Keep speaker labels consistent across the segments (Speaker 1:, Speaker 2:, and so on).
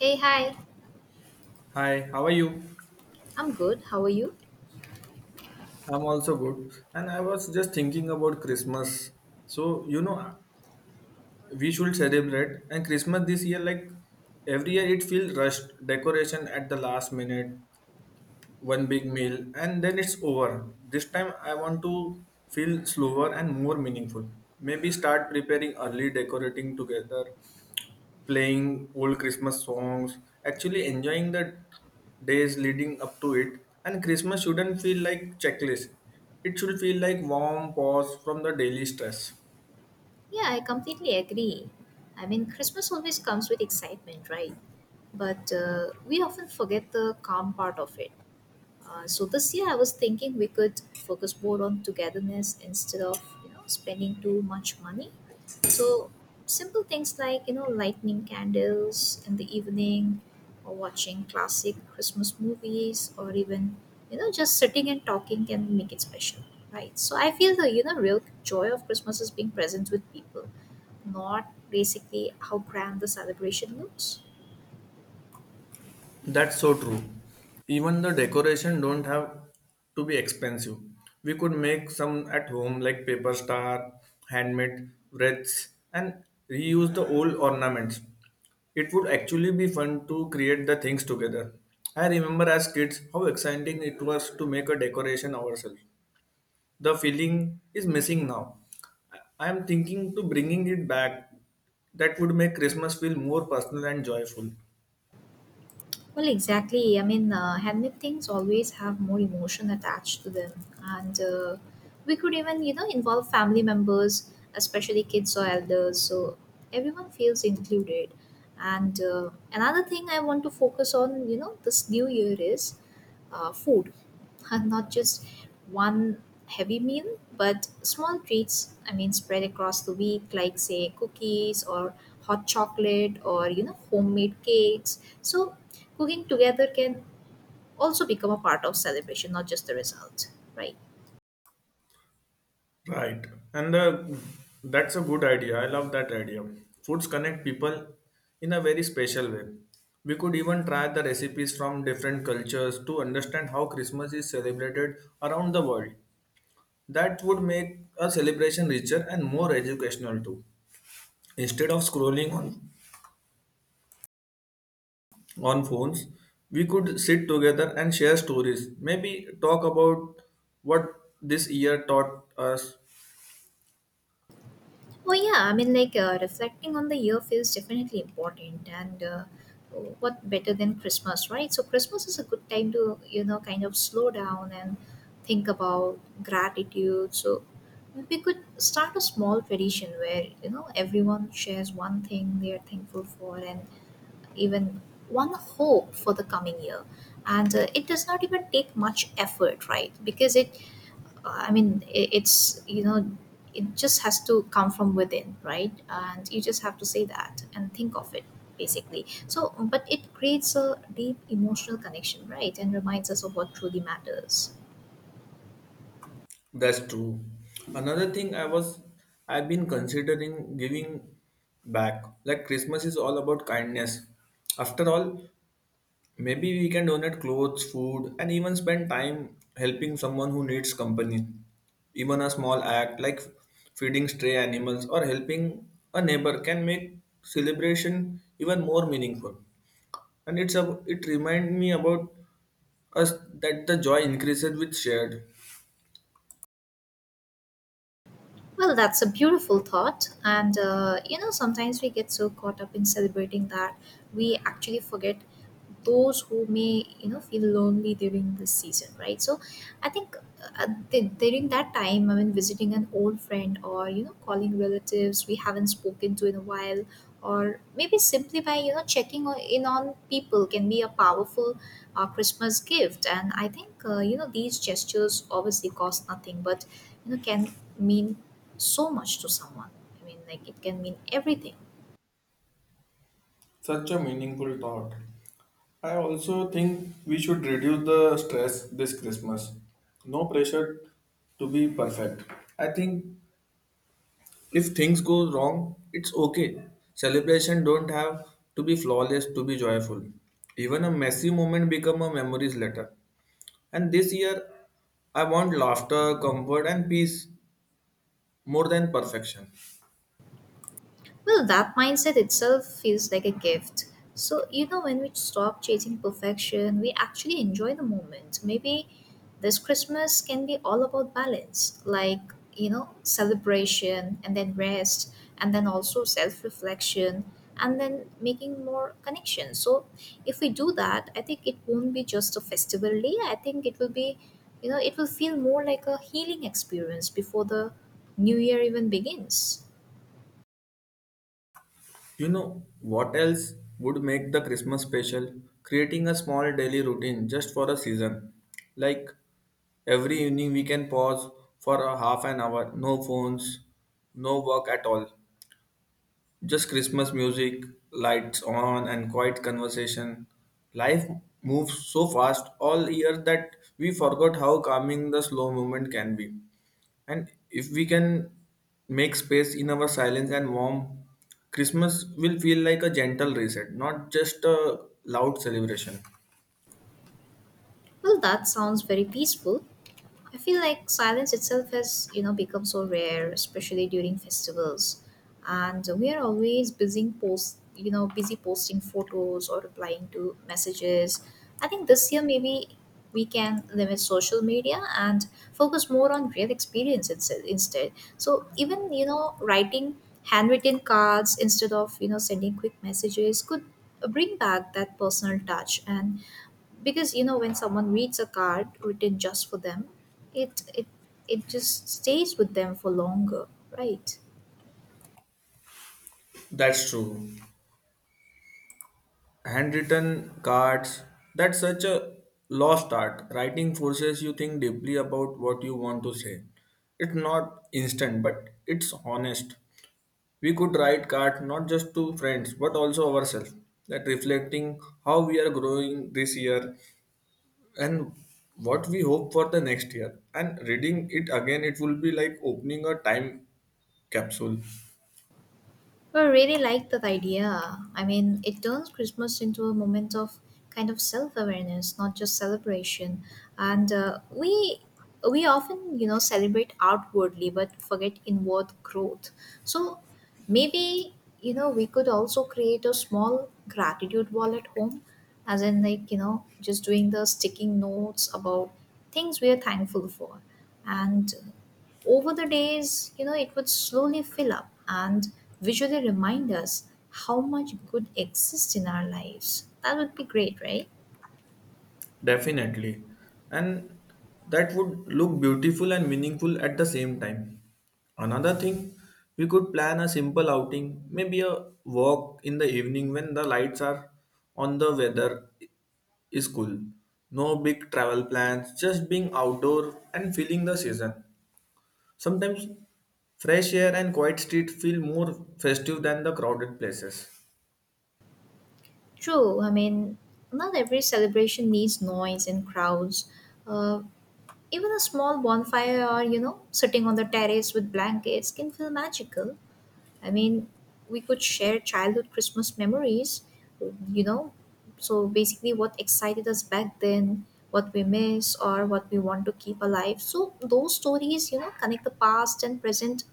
Speaker 1: Hey, hi.
Speaker 2: Hi, how are you?
Speaker 1: I'm good. How are you?
Speaker 2: I'm also good. And I was just thinking about Christmas. So, you know, we should celebrate. And Christmas this year, like every year, it feels rushed, decoration at the last minute, one big meal, and then it's over. This time, I want to feel slower and more meaningful. Maybe start preparing early, decorating together, playing old Christmas songs, actually enjoying the days leading up to it. And Christmas shouldn't feel like checklist. It should feel like warm pause from the daily stress.
Speaker 1: Yeah, I completely agree. I mean, Christmas always comes with excitement, right? But we often forget the calm part of it. So this year I was thinking we could focus more on togetherness instead of spending too much money. So simple things like lighting candles in the evening, or watching classic Christmas movies, or even just sitting and talking can make it special, right? So I feel the real joy of Christmas is being present with people, not basically how grand the celebration looks.
Speaker 2: That's so true. Even the decoration don't have to be expensive. We could make some at home like paper star, handmade wreaths and reuse the old ornaments. It would actually be fun to create the things together. I remember as kids how exciting it was to make a decoration ourselves. The feeling is missing now. I am thinking to bringing it back. That would make Christmas feel more personal and joyful.
Speaker 1: Well, exactly. I mean, handmade things always have more emotion attached to them, and we could even, involve family members, especially kids or elders, so everyone feels included. And another thing I want to focus on, this new year is food. Not just one heavy meal, but small treats. I mean, spread across the week, like say cookies or hot chocolate or homemade cakes. So cooking together can also become a part of celebration, not just the result, right?
Speaker 2: Right. And the, that's a good idea. I love that idea. Foods connect people in a very special way. We could even try the recipes from different cultures to understand how Christmas is celebrated around the world. That would make a celebration richer and more educational too. Instead of scrolling on phones, we could sit together and share stories. Maybe talk about what this year taught us.
Speaker 1: Oh yeah, I mean, like reflecting on the year feels definitely important, and what better than Christmas, right? So, Christmas is a good time to, kind of slow down and think about gratitude. So, we could start a small tradition where, everyone shares one thing they are thankful for and even one hope for the coming year. And it does not even take much effort, right? Because it I mean, it's, it just has to come from within, right? And you just have to say that and think of it basically. So, but it creates a deep emotional connection, right? And reminds us of what truly matters.
Speaker 2: That's true. Another thing I was I've been considering giving back. Like Christmas is all about kindness. After all, maybe we can donate clothes, food, and even spend time helping someone who needs company. Even a small act like feeding stray animals or helping a neighbor can make celebration even more meaningful. It reminds me about us that the joy increases with shared.
Speaker 1: Well, that's a beautiful thought. And, sometimes we get so caught up in celebrating that we actually forget those who may, feel lonely during this season, right? So I think during that time, I mean, visiting an old friend or, calling relatives we haven't spoken to in a while, or maybe simply by, checking in on people can be a powerful Christmas gift. And I think, these gestures obviously cost nothing, but, can mean so much to someone. I mean, like it can mean everything.
Speaker 2: Such a meaningful thought. I also think we should reduce the stress this Christmas. No pressure to be perfect. I think if things go wrong, it's okay. Celebration don't have to be flawless to be joyful. Even a messy moment become a memories later, and this year I want laughter, comfort, and peace more than perfection.
Speaker 1: Well, that mindset itself feels like a gift. So, when we stop chasing perfection, we actually enjoy the moment. Maybe this Christmas can be all about balance, like, celebration and then rest, and then also self reflection, and then making more connections. So, if we do that, I think it won't be just a festival day. I think it will be, you know, it will feel more like a healing experience before the new year even begins.
Speaker 2: You know what else would make the Christmas special? Creating a small daily routine just for a season. Like every evening we can pause for a half an hour, no phones, no work at all. Just Christmas music, lights on, and quiet conversation. Life moves so fast all year that we forgot how calming the slow movement can be. And if we can make space in our silence and warm, Christmas will feel like a gentle reset, not just a loud celebration.
Speaker 1: Well, that sounds very peaceful. I feel like silence itself has, become so rare, especially during festivals. And we are always busy posting photos or replying to messages. I think this year maybe we can limit social media and focus more on real experience instead. So even, writing handwritten cards instead of, sending quick messages could bring back that personal touch and because when someone reads a card written just for them it it it just stays with them for longer, right?
Speaker 2: That's true. Handwritten cards, that's such a lost art. Writing forces you think deeply about what you want to say. It's not instant, but it's honest. We could write cards not just to friends but also ourselves, that reflecting how we are growing this year, and what we hope for the next year. And reading it again, it will be like opening a time capsule.
Speaker 1: I really like that idea. I mean, it turns Christmas into a moment of kind of self-awareness, not just celebration. And we often, celebrate outwardly but forget inward growth. So maybe, we could also create a small gratitude wall at home, as in like, just doing the sticking notes about things we are thankful for. And over the days, it would slowly fill up and visually remind us how much good exists in our lives. That would be great, right?
Speaker 2: Definitely. And that would look beautiful and meaningful at the same time. Another thing, we could plan a simple outing, maybe a walk in the evening when the lights are on, the weather is cool. No big travel plans, just being outdoor and feeling the season. Sometimes fresh air and quiet street feel more festive than the crowded places.
Speaker 1: True. I mean, not every celebration needs noise and crowds. Uh, even a small bonfire or, sitting on the terrace with blankets can feel magical. I mean, we could share childhood Christmas memories, you know. So basically, what excited us back then, what we miss, or what we want to keep alive. So those stories, connect the past and present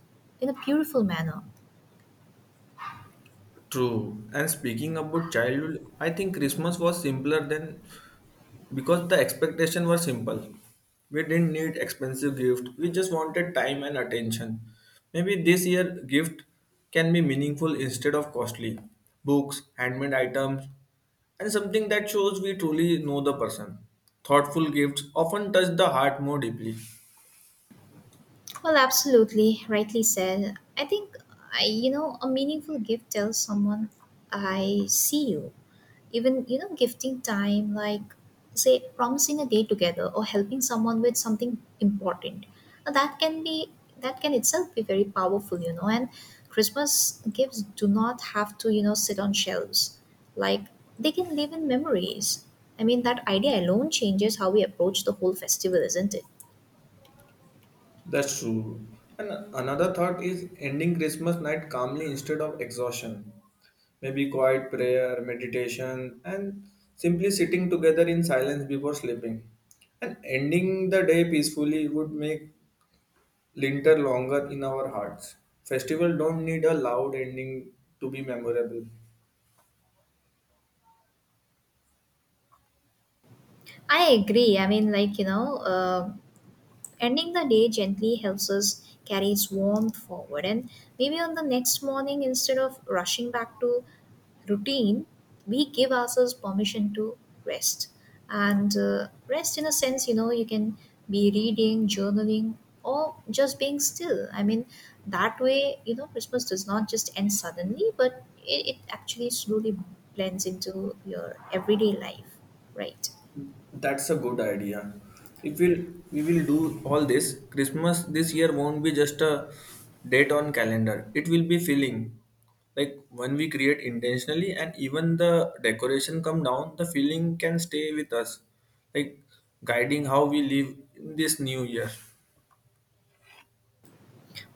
Speaker 1: in a beautiful manner.
Speaker 2: True. And speaking about childhood, I think Christmas was simpler than, because the expectation was simple. We didn't need expensive gift. We just wanted time and attention. Maybe this year gift can be meaningful instead of costly. Books, handmade items, and something that shows we truly know the person. Thoughtful gifts often touch the heart more deeply.
Speaker 1: Well, absolutely, rightly said. I think a meaningful gift tells someone I see you. Even gifting time, like say promising a day together or helping someone with something important. Now, that can itself be very powerful. And Christmas gifts do not have to sit on shelves. Like they can live in memories. I mean, that idea alone changes how we approach the whole festival, isn't it?
Speaker 2: That's true. And another thought is ending Christmas night calmly instead of exhaustion. Maybe quiet prayer, meditation, and simply sitting together in silence before sleeping. And ending the day peacefully would make winter longer in our hearts. Festival don't need a loud ending to be memorable.
Speaker 1: I agree. I mean, like, ending the day gently helps us carry its warmth forward. And maybe on the next morning, instead of rushing back to routine, we give ourselves permission to rest. And rest, in a sense, you can be reading, journaling, or just being still. I mean, that way, Christmas does not just end suddenly, but it actually slowly blends into your everyday life, right?
Speaker 2: That's a good idea. If we'll, we will do all this, Christmas this year won't be just a date on calendar. It will be feeling like when we create intentionally, and even the decoration come down, the feeling can stay with us, like guiding how we live in this new year.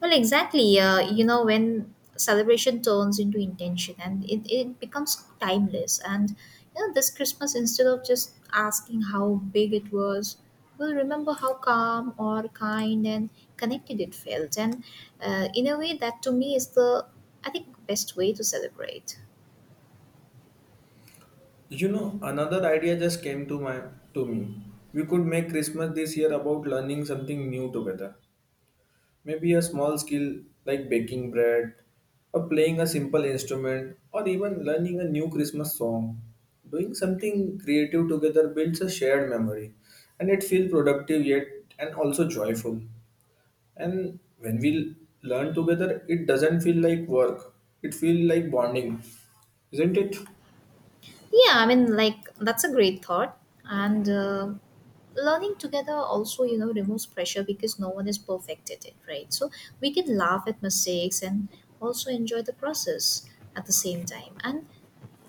Speaker 1: Well, exactly. When celebration turns into intention and it becomes timeless. And, this Christmas, instead of just asking how big it was, we'll remember how calm or kind and connected it felt. And in a way, that to me is the, I think, best way to celebrate.
Speaker 2: You know, another idea just came to my to me. We could make Christmas this year about learning something new together. Maybe a small skill like baking bread, or playing a simple instrument, or even learning a new Christmas song. Doing something creative together builds a shared memory and it feels productive yet and also joyful. And when we learn together, it doesn't feel like work, it feels like bonding, isn't it?
Speaker 1: Yeah, I mean, like, that's a great thought. And learning together also, removes pressure because no one is perfect at it, right? So we can laugh at mistakes and also enjoy the process at the same time. And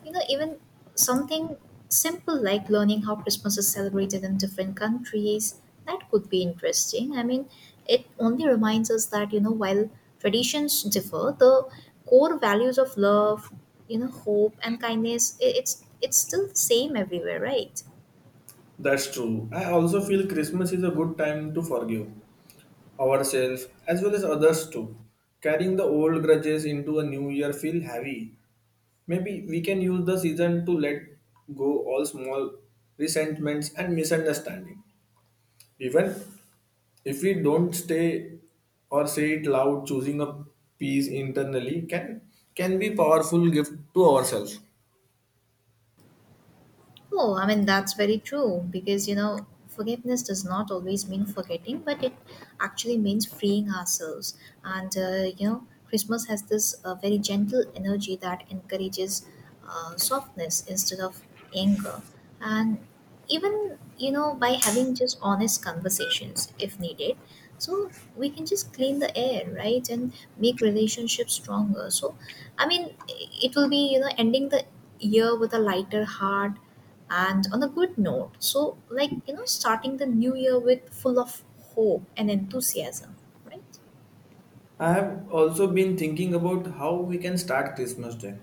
Speaker 1: even something simple like learning how Christmas is celebrated in different countries, that could be interesting. I mean, it only reminds us that, while traditions differ, the core values of love, hope and kindness, it's still the same everywhere, right?
Speaker 2: That's true. I also feel Christmas is a good time to forgive ourselves as well as others too. Carrying the old grudges into a new year feel heavy. Maybe we can use the season to let go all small resentments and misunderstanding. Even if we don't stay or say it loud, choosing a peace internally can be powerful gift to ourselves.
Speaker 1: Oh, I mean, that's very true because, forgiveness does not always mean forgetting, but it actually means freeing ourselves. And, Christmas has this very gentle energy that encourages softness instead of anger. And even, by having just honest conversations if needed. So we can just clean the air, right? And make relationships stronger. So, I mean, it will be, ending the year with a lighter heart and on a good note so like starting the new year with full of hope and enthusiasm, right?
Speaker 2: I have also been thinking about how we can start Christmas Day.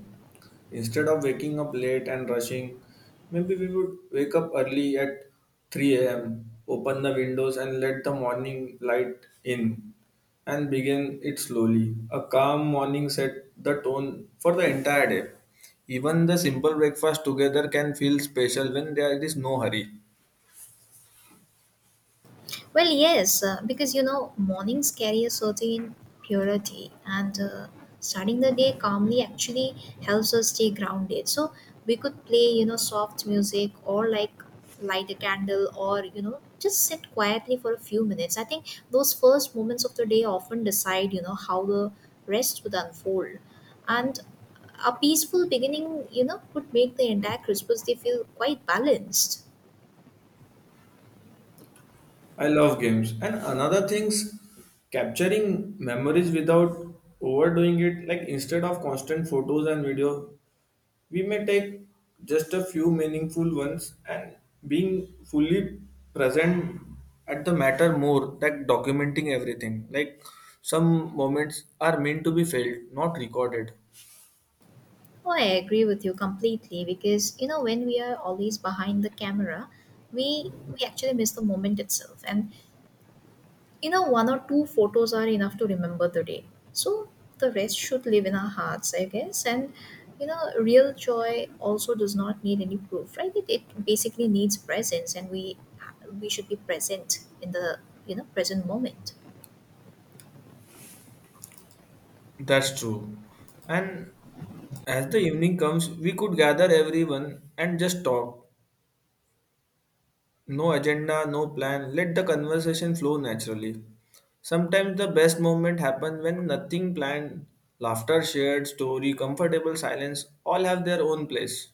Speaker 2: Instead of waking up late and rushing, maybe we would wake up early at 3 a.m., open the windows and let the morning light in, and begin it slowly. A calm morning set the tone for the entire day. Even the simple breakfast together can feel special when there is no hurry.
Speaker 1: Well, yes, because mornings carry a certain purity, and starting the day calmly actually helps us stay grounded. So we could play, soft music or like light a candle or, just sit quietly for a few minutes. I think those first moments of the day often decide, how the rest would unfold. And a peaceful beginning, would make the entire Christmas day feel quite balanced.
Speaker 2: I love games. And another thing's capturing memories without overdoing it. Like instead of constant photos and video, we may take just a few meaningful ones and being fully present at the matter more than documenting everything. Like some moments are meant to be felt, not recorded.
Speaker 1: Oh, I agree with you completely because when we are always behind the camera, we actually miss the moment itself, and one or two photos are enough to remember the day. So the rest should live in our hearts, I guess. And real joy also does not need any proof, right? It basically needs presence, and we should be present in the present moment.
Speaker 2: That's true. And as the evening comes, we could gather everyone and just talk. No agenda, no plan. Let the conversation flow naturally. Sometimes the best moment happens when nothing planned, laughter shared, story, comfortable silence, all have their own place.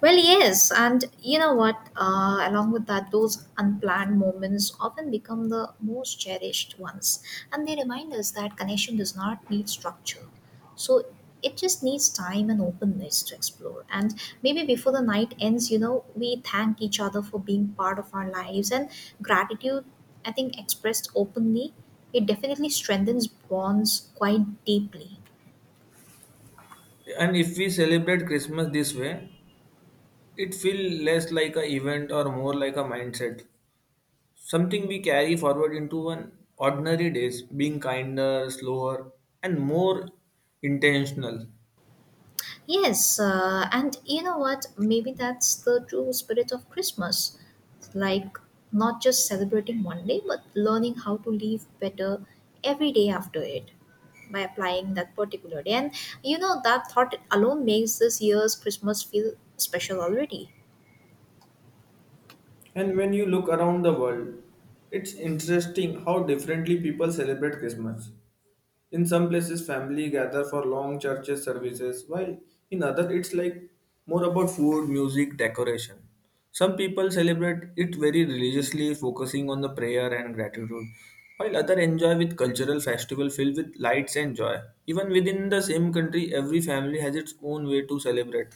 Speaker 1: Well, yes, and you know what? Along with that, those unplanned moments often become the most cherished ones, and they remind us that connection does not need structure. So it just needs time and openness to explore. And maybe before the night ends, we thank each other for being part of our lives, and gratitude, I think, expressed openly, it definitely strengthens bonds quite deeply.
Speaker 2: And if we celebrate Christmas this way, it feels less like an event or more like a mindset. Something we carry forward into an ordinary days, being kinder, slower, and more intentional.
Speaker 1: Yes, and you know what? Maybe that's the true spirit of Christmas. Like, not just celebrating one day, but learning how to live better every day after it by applying that particular day. And that thought alone makes this year's Christmas feel special already.
Speaker 2: And when you look around the world, it's interesting how differently people celebrate Christmas. In some places, family gather for long churches services, while in other, it's like more about food, music, decoration. Some people celebrate it very religiously, focusing on the prayer and gratitude, while others enjoy with cultural festival filled with lights and joy. Even within the same country, every family has its own way to celebrate.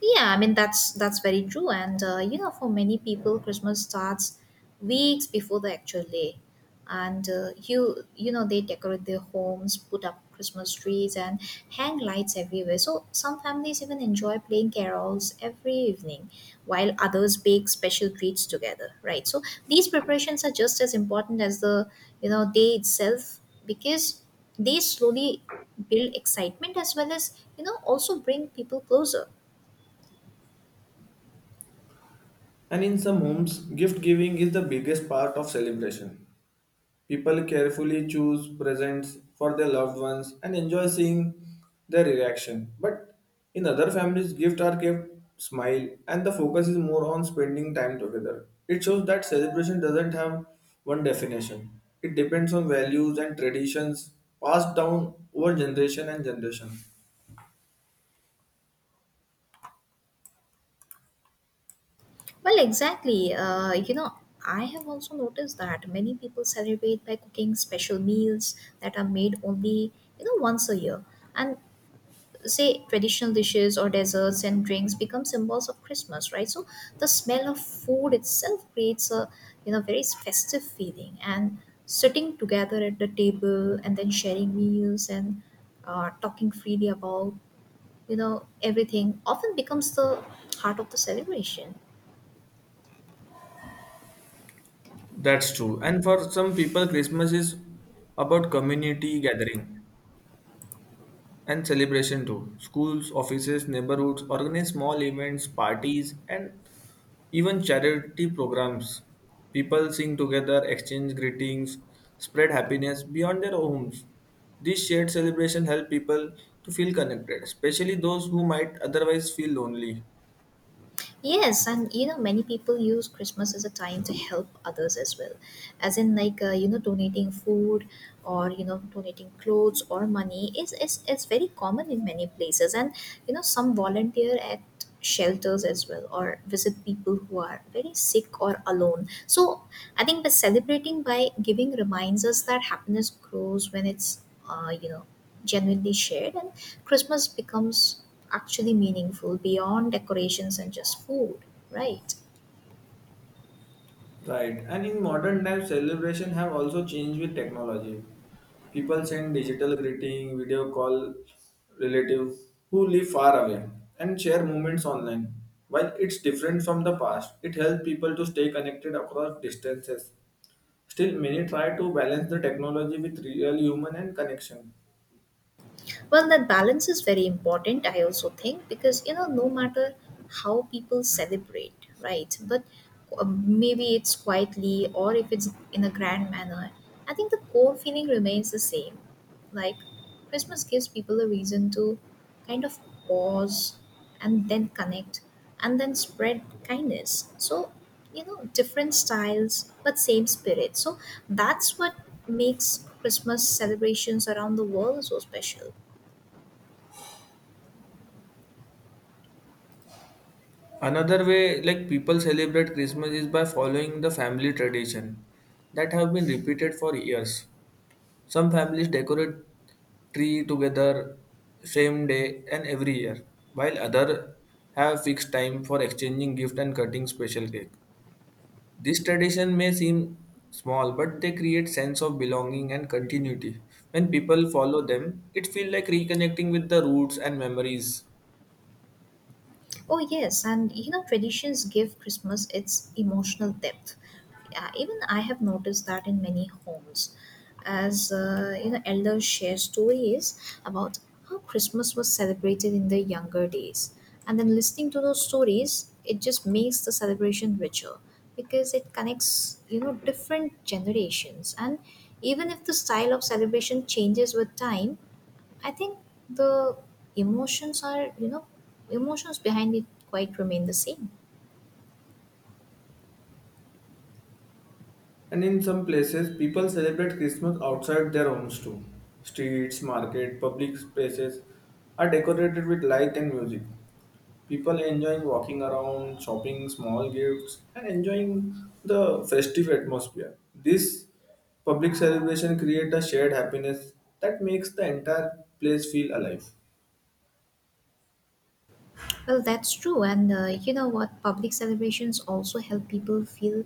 Speaker 1: Yeah, I mean that's very true, and for many people, Christmas starts weeks before the actual day, and they decorate their homes, put up Christmas trees, and hang lights everywhere. So some families even enjoy playing carols every evening, while others bake special treats together. Right. So these preparations are just as important as the day itself because they slowly build excitement as well as also bring people closer.
Speaker 2: And in some homes, gift giving is the biggest part of celebration. People carefully choose presents for their loved ones and enjoy seeing their reaction. But in other families, gifts are kept smile and the focus is more on spending time together. It shows that celebration doesn't have one definition. It depends on values and traditions passed down over generation and generation.
Speaker 1: Well, exactly. You know, I have also noticed that many people celebrate by cooking special meals that are made only, once a year. And say traditional dishes or desserts and drinks become symbols of Christmas, right? So the smell of food itself creates a, very festive feeling. And sitting together at the table and then sharing meals and talking freely about, everything often becomes the heart of the celebration.
Speaker 2: That's true. And for some people, Christmas is about community gathering and celebration too. Schools, offices, neighborhoods organize small events, parties, and even charity programs. People sing together, exchange greetings, spread happiness beyond their homes. This shared celebration helps people to feel connected, especially those who might otherwise feel lonely.
Speaker 1: Yes, and you know, many people use Christmas as a time to help others as well, as in like you know, donating food or you know, donating clothes or money is very common in many places, and you know, some volunteer at shelters as well or visit people who are very sick or alone. So I think the celebrating by giving reminds us that happiness grows when it's you know genuinely shared, and Christmas becomes actually meaningful beyond decorations and just food, right?
Speaker 2: Right. And in modern times, celebration have also changed with technology. People send digital greeting, video call relative who live far away and share moments online. While it's different from the past, it helps people to stay connected across distances. Still, many try to balance the technology with real human and connection.
Speaker 1: Well, that balance is very important, I also think, because you know, no matter how people celebrate, right? But maybe it's quietly or if it's in a grand manner, I think the core feeling remains the same. Like, Christmas gives people a reason to kind of pause and then connect and then spread kindness. So, you know, different styles but same spirit. So, that's what makes Christmas celebrations around the world so special.
Speaker 2: Another way like people celebrate Christmas is by following the family tradition that have been repeated for years. Some families decorate tree together same day and every year, while other have fixed time for exchanging gift and cutting special cake. This tradition may seem small, but they create sense of belonging and continuity. When people follow them, it feels like reconnecting with the roots and memories.
Speaker 1: Oh, yes. And you know, traditions give Christmas its emotional depth. Even I have noticed that in many homes, as you know, elders share stories about how Christmas was celebrated in their younger days. And then listening to those stories, it just makes the celebration richer because it connects, you know, different generations. And even if the style of celebration changes with time, I think the emotions are, emotions behind it quite remain the same.
Speaker 2: And in some places, people celebrate Christmas outside their homes too. Streets, market, public spaces are decorated with light and music. People enjoying walking around, shopping small gifts, and enjoying the festive atmosphere. This public celebration creates a shared happiness that makes the entire place feel alive.
Speaker 1: Well, that's true. And you know what? Public celebrations also help people feel,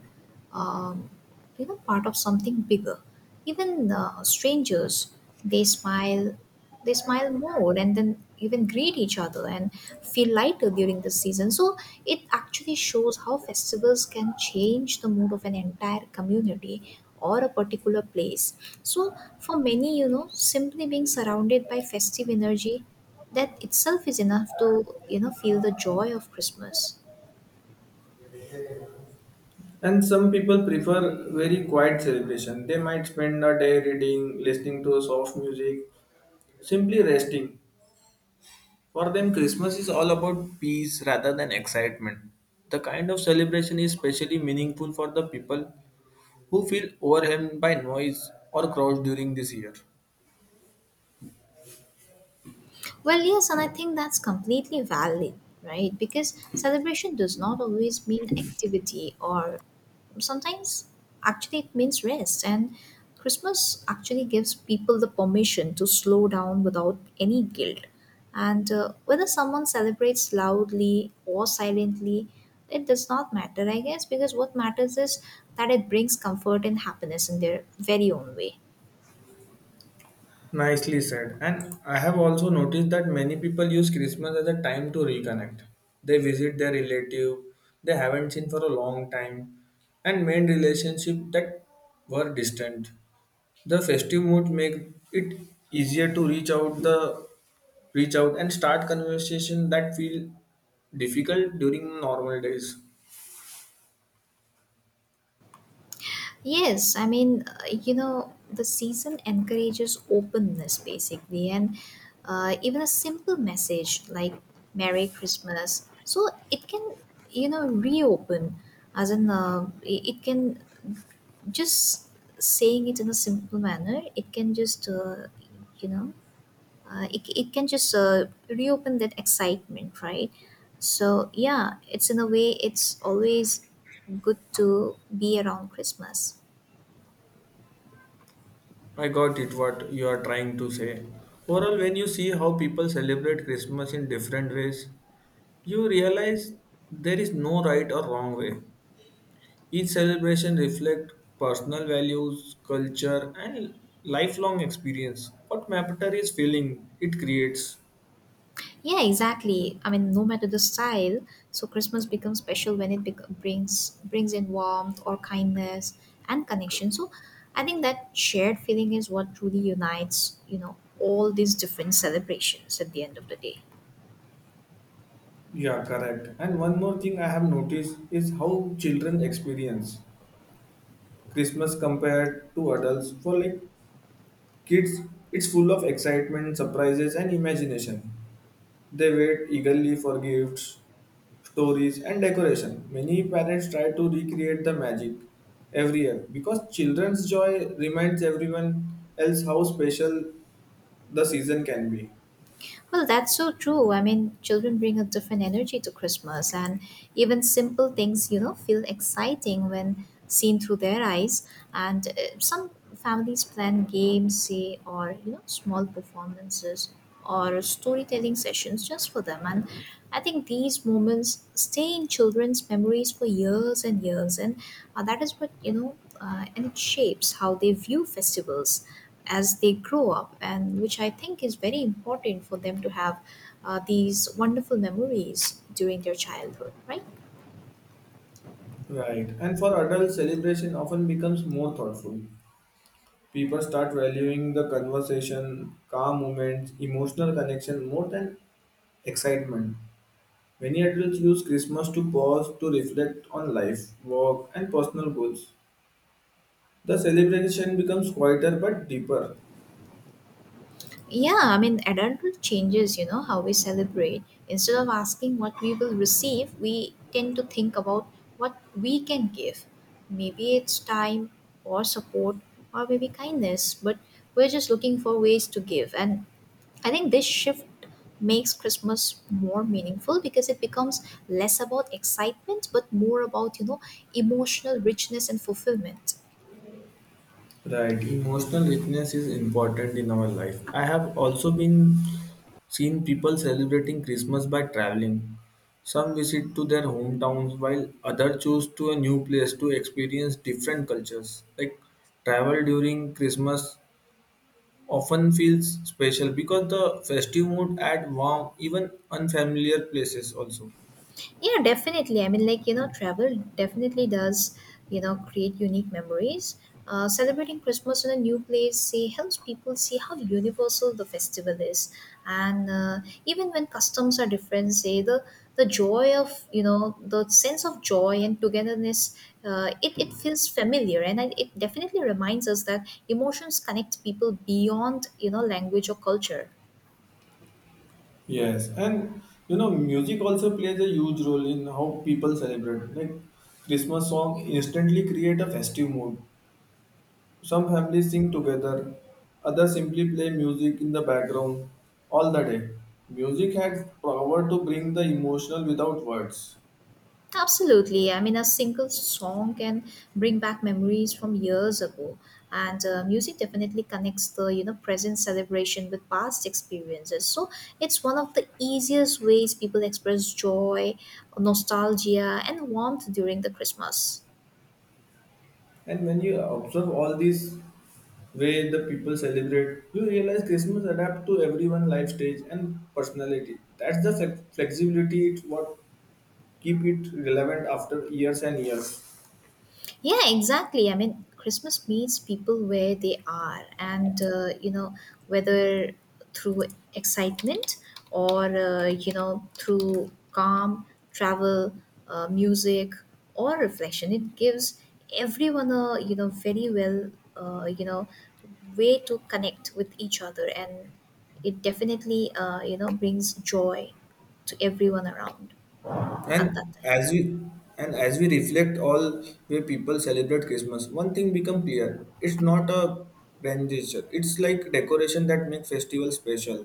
Speaker 1: um, you know, part of something bigger. Even strangers, they smile, they smile more, and then even greet each other and feel lighter during the season. So it actually shows how festivals can change the mood of an entire community or a particular place. So for many, you know, simply being surrounded by festive energy that itself is enough to you know feel the joy of Christmas.
Speaker 2: And some people prefer very quiet celebration. They might spend a day reading, listening to soft music, simply resting. For them, Christmas is all about peace rather than excitement. The kind of celebration is especially meaningful for the people who feel overwhelmed by noise or crowds during this year.
Speaker 1: Well, yes, and I think that's completely valid, right? Because celebration does not always mean activity, or sometimes actually it means rest. And Christmas actually gives people the permission to slow down without any guilt. And whether someone celebrates loudly or silently, it does not matter, I guess, because what matters is that it brings comfort and happiness in their very own way.
Speaker 2: Nicely said. And I have also noticed that many people use Christmas as a time to reconnect. They visit their relative they haven't seen for a long time and mend relationship that were distant. The festive mood make it easier to reach out and start conversation that feel difficult during normal days.
Speaker 1: Yes, I mean, you know, the season encourages openness basically, and even a simple message like Merry Christmas. So it can, you know, reopen, as in, it can just saying it in a simple manner, it can just, you know, it can just reopen that excitement, right? So, yeah, it's in a way, it's always good to be around Christmas.
Speaker 2: I got it what you are trying to say. Overall, when you see how people celebrate Christmas in different ways, you realize there is no right or wrong way. Each celebration reflects personal values, culture, and lifelong experience. What matter is feeling it creates.
Speaker 1: Yeah, exactly. I mean, no matter the style, so Christmas becomes special when it brings in warmth or kindness and connection. So, I think that shared feeling is what truly unites, you know, all these different celebrations at the end of the day.
Speaker 2: Yeah, correct. And one more thing I have noticed is how children experience Christmas compared to adults. For like kids, it's full of excitement, surprises, and imagination. They wait eagerly for gifts, stories, and decoration. Many parents try to recreate the magic every year because children's joy reminds everyone else how special the season can be.
Speaker 1: Well, that's so true. I mean, children bring a different energy to Christmas, and even simple things, you know, feel exciting when seen through their eyes. And some families plan games, say, or, you know, small performances or storytelling sessions just for them. And I think these moments stay in children's memories for years and years. And that is what you know, and it shapes how they view festivals as they grow up, and which I think is very important for them to have these wonderful memories during their childhood, right?
Speaker 2: Right. And for adults, celebration often becomes more thoughtful. People start valuing the conversation, calm moments, emotional connection more than excitement. Many adults use Christmas to pause to reflect on life, work, and personal goals. The celebration becomes quieter but deeper.
Speaker 1: Yeah, I mean, adulthood changes, you know, how we celebrate. Instead of asking what we will receive, we tend to think about what we can give. Maybe it's time or support or maybe kindness, but we're just looking for ways to give. And I think this shift makes Christmas more meaningful because it becomes less about excitement but more about, you know, emotional richness and fulfillment.
Speaker 2: Right, emotional richness is important in our life. I have also been seen people celebrating Christmas by traveling. Some visit to their hometowns while others choose to a new place to experience different cultures. Like travel during Christmas often feels special because the festive mood adds warm even unfamiliar places also.
Speaker 1: Yeah, definitely. I mean, like, you know, travel definitely does, you know, create unique memories. Celebrating Christmas in a new place say, helps people see how universal the festival is. And even when customs are different, say, the joy of, you know, the sense of joy and togetherness, it feels familiar. And it definitely reminds us that emotions connect people beyond, you know, language or culture.
Speaker 2: Yes, and you know, music also plays a huge role in how people celebrate. Like Christmas song instantly create a festive mood. Some families sing together, others simply play music in the background all the day. Music has power to bring the emotional without words.
Speaker 1: Absolutely. I mean, a single song can bring back memories from years ago, and music definitely connects the you know present celebration with past experiences. So it's one of the easiest ways people express joy, nostalgia, and warmth during the Christmas.
Speaker 2: And when you observe all these way the people celebrate, you realize Christmas adapt to everyone's life stage and personality. That's the flexibility it's what keep it relevant after years and years.
Speaker 1: Yeah, exactly. I mean, Christmas meets people where they are, and you know, whether through excitement or you know, through calm, travel, music, or reflection, it gives everyone a you know very well you know way to connect with each other, and it definitely you know brings joy to everyone around at that
Speaker 2: And
Speaker 1: time.
Speaker 2: as we and as we reflect all where people celebrate Christmas, one thing become clear: it's not a grand gesture. It's like decoration that makes festival special,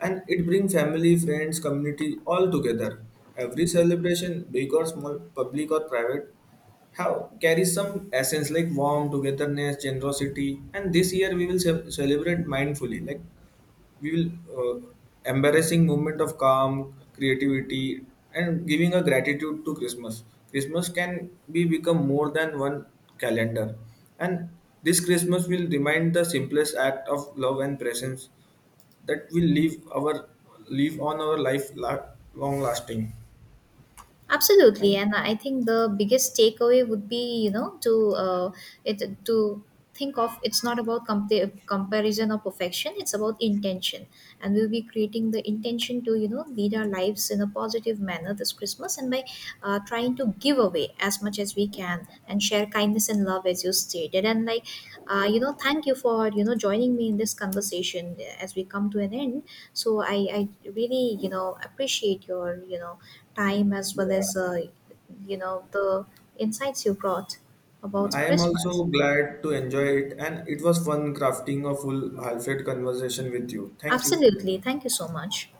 Speaker 2: and it brings family, friends, community all together. Every celebration, big or small, public or private, have carries some essence like warmth, togetherness, generosity. And this year we will celebrate mindfully, like we will uh, embarrassing moment of calm creativity and giving a gratitude to Christmas. Christmas can be become more than one calendar, and this Christmas will remind the simplest act of love and presence that will leave our leave on our life la- long lasting.
Speaker 1: Absolutely,
Speaker 2: And
Speaker 1: and I think the biggest takeaway would be you know to it to think of it's not about comparison or perfection, it's about intention. And we'll be creating the intention to you know lead our lives in a positive manner this Christmas, and by trying to give away as much as we can and share kindness and love as you stated. And like you know thank you for you know joining me in this conversation as we come to an end. So I really you know appreciate your you know time as well as you know the insights you brought about
Speaker 2: I am
Speaker 1: Christmas.
Speaker 2: also glad to enjoy it, and it was fun crafting a full heartfelt conversation with you. Thank you.
Speaker 1: Absolutely. Thank you so much.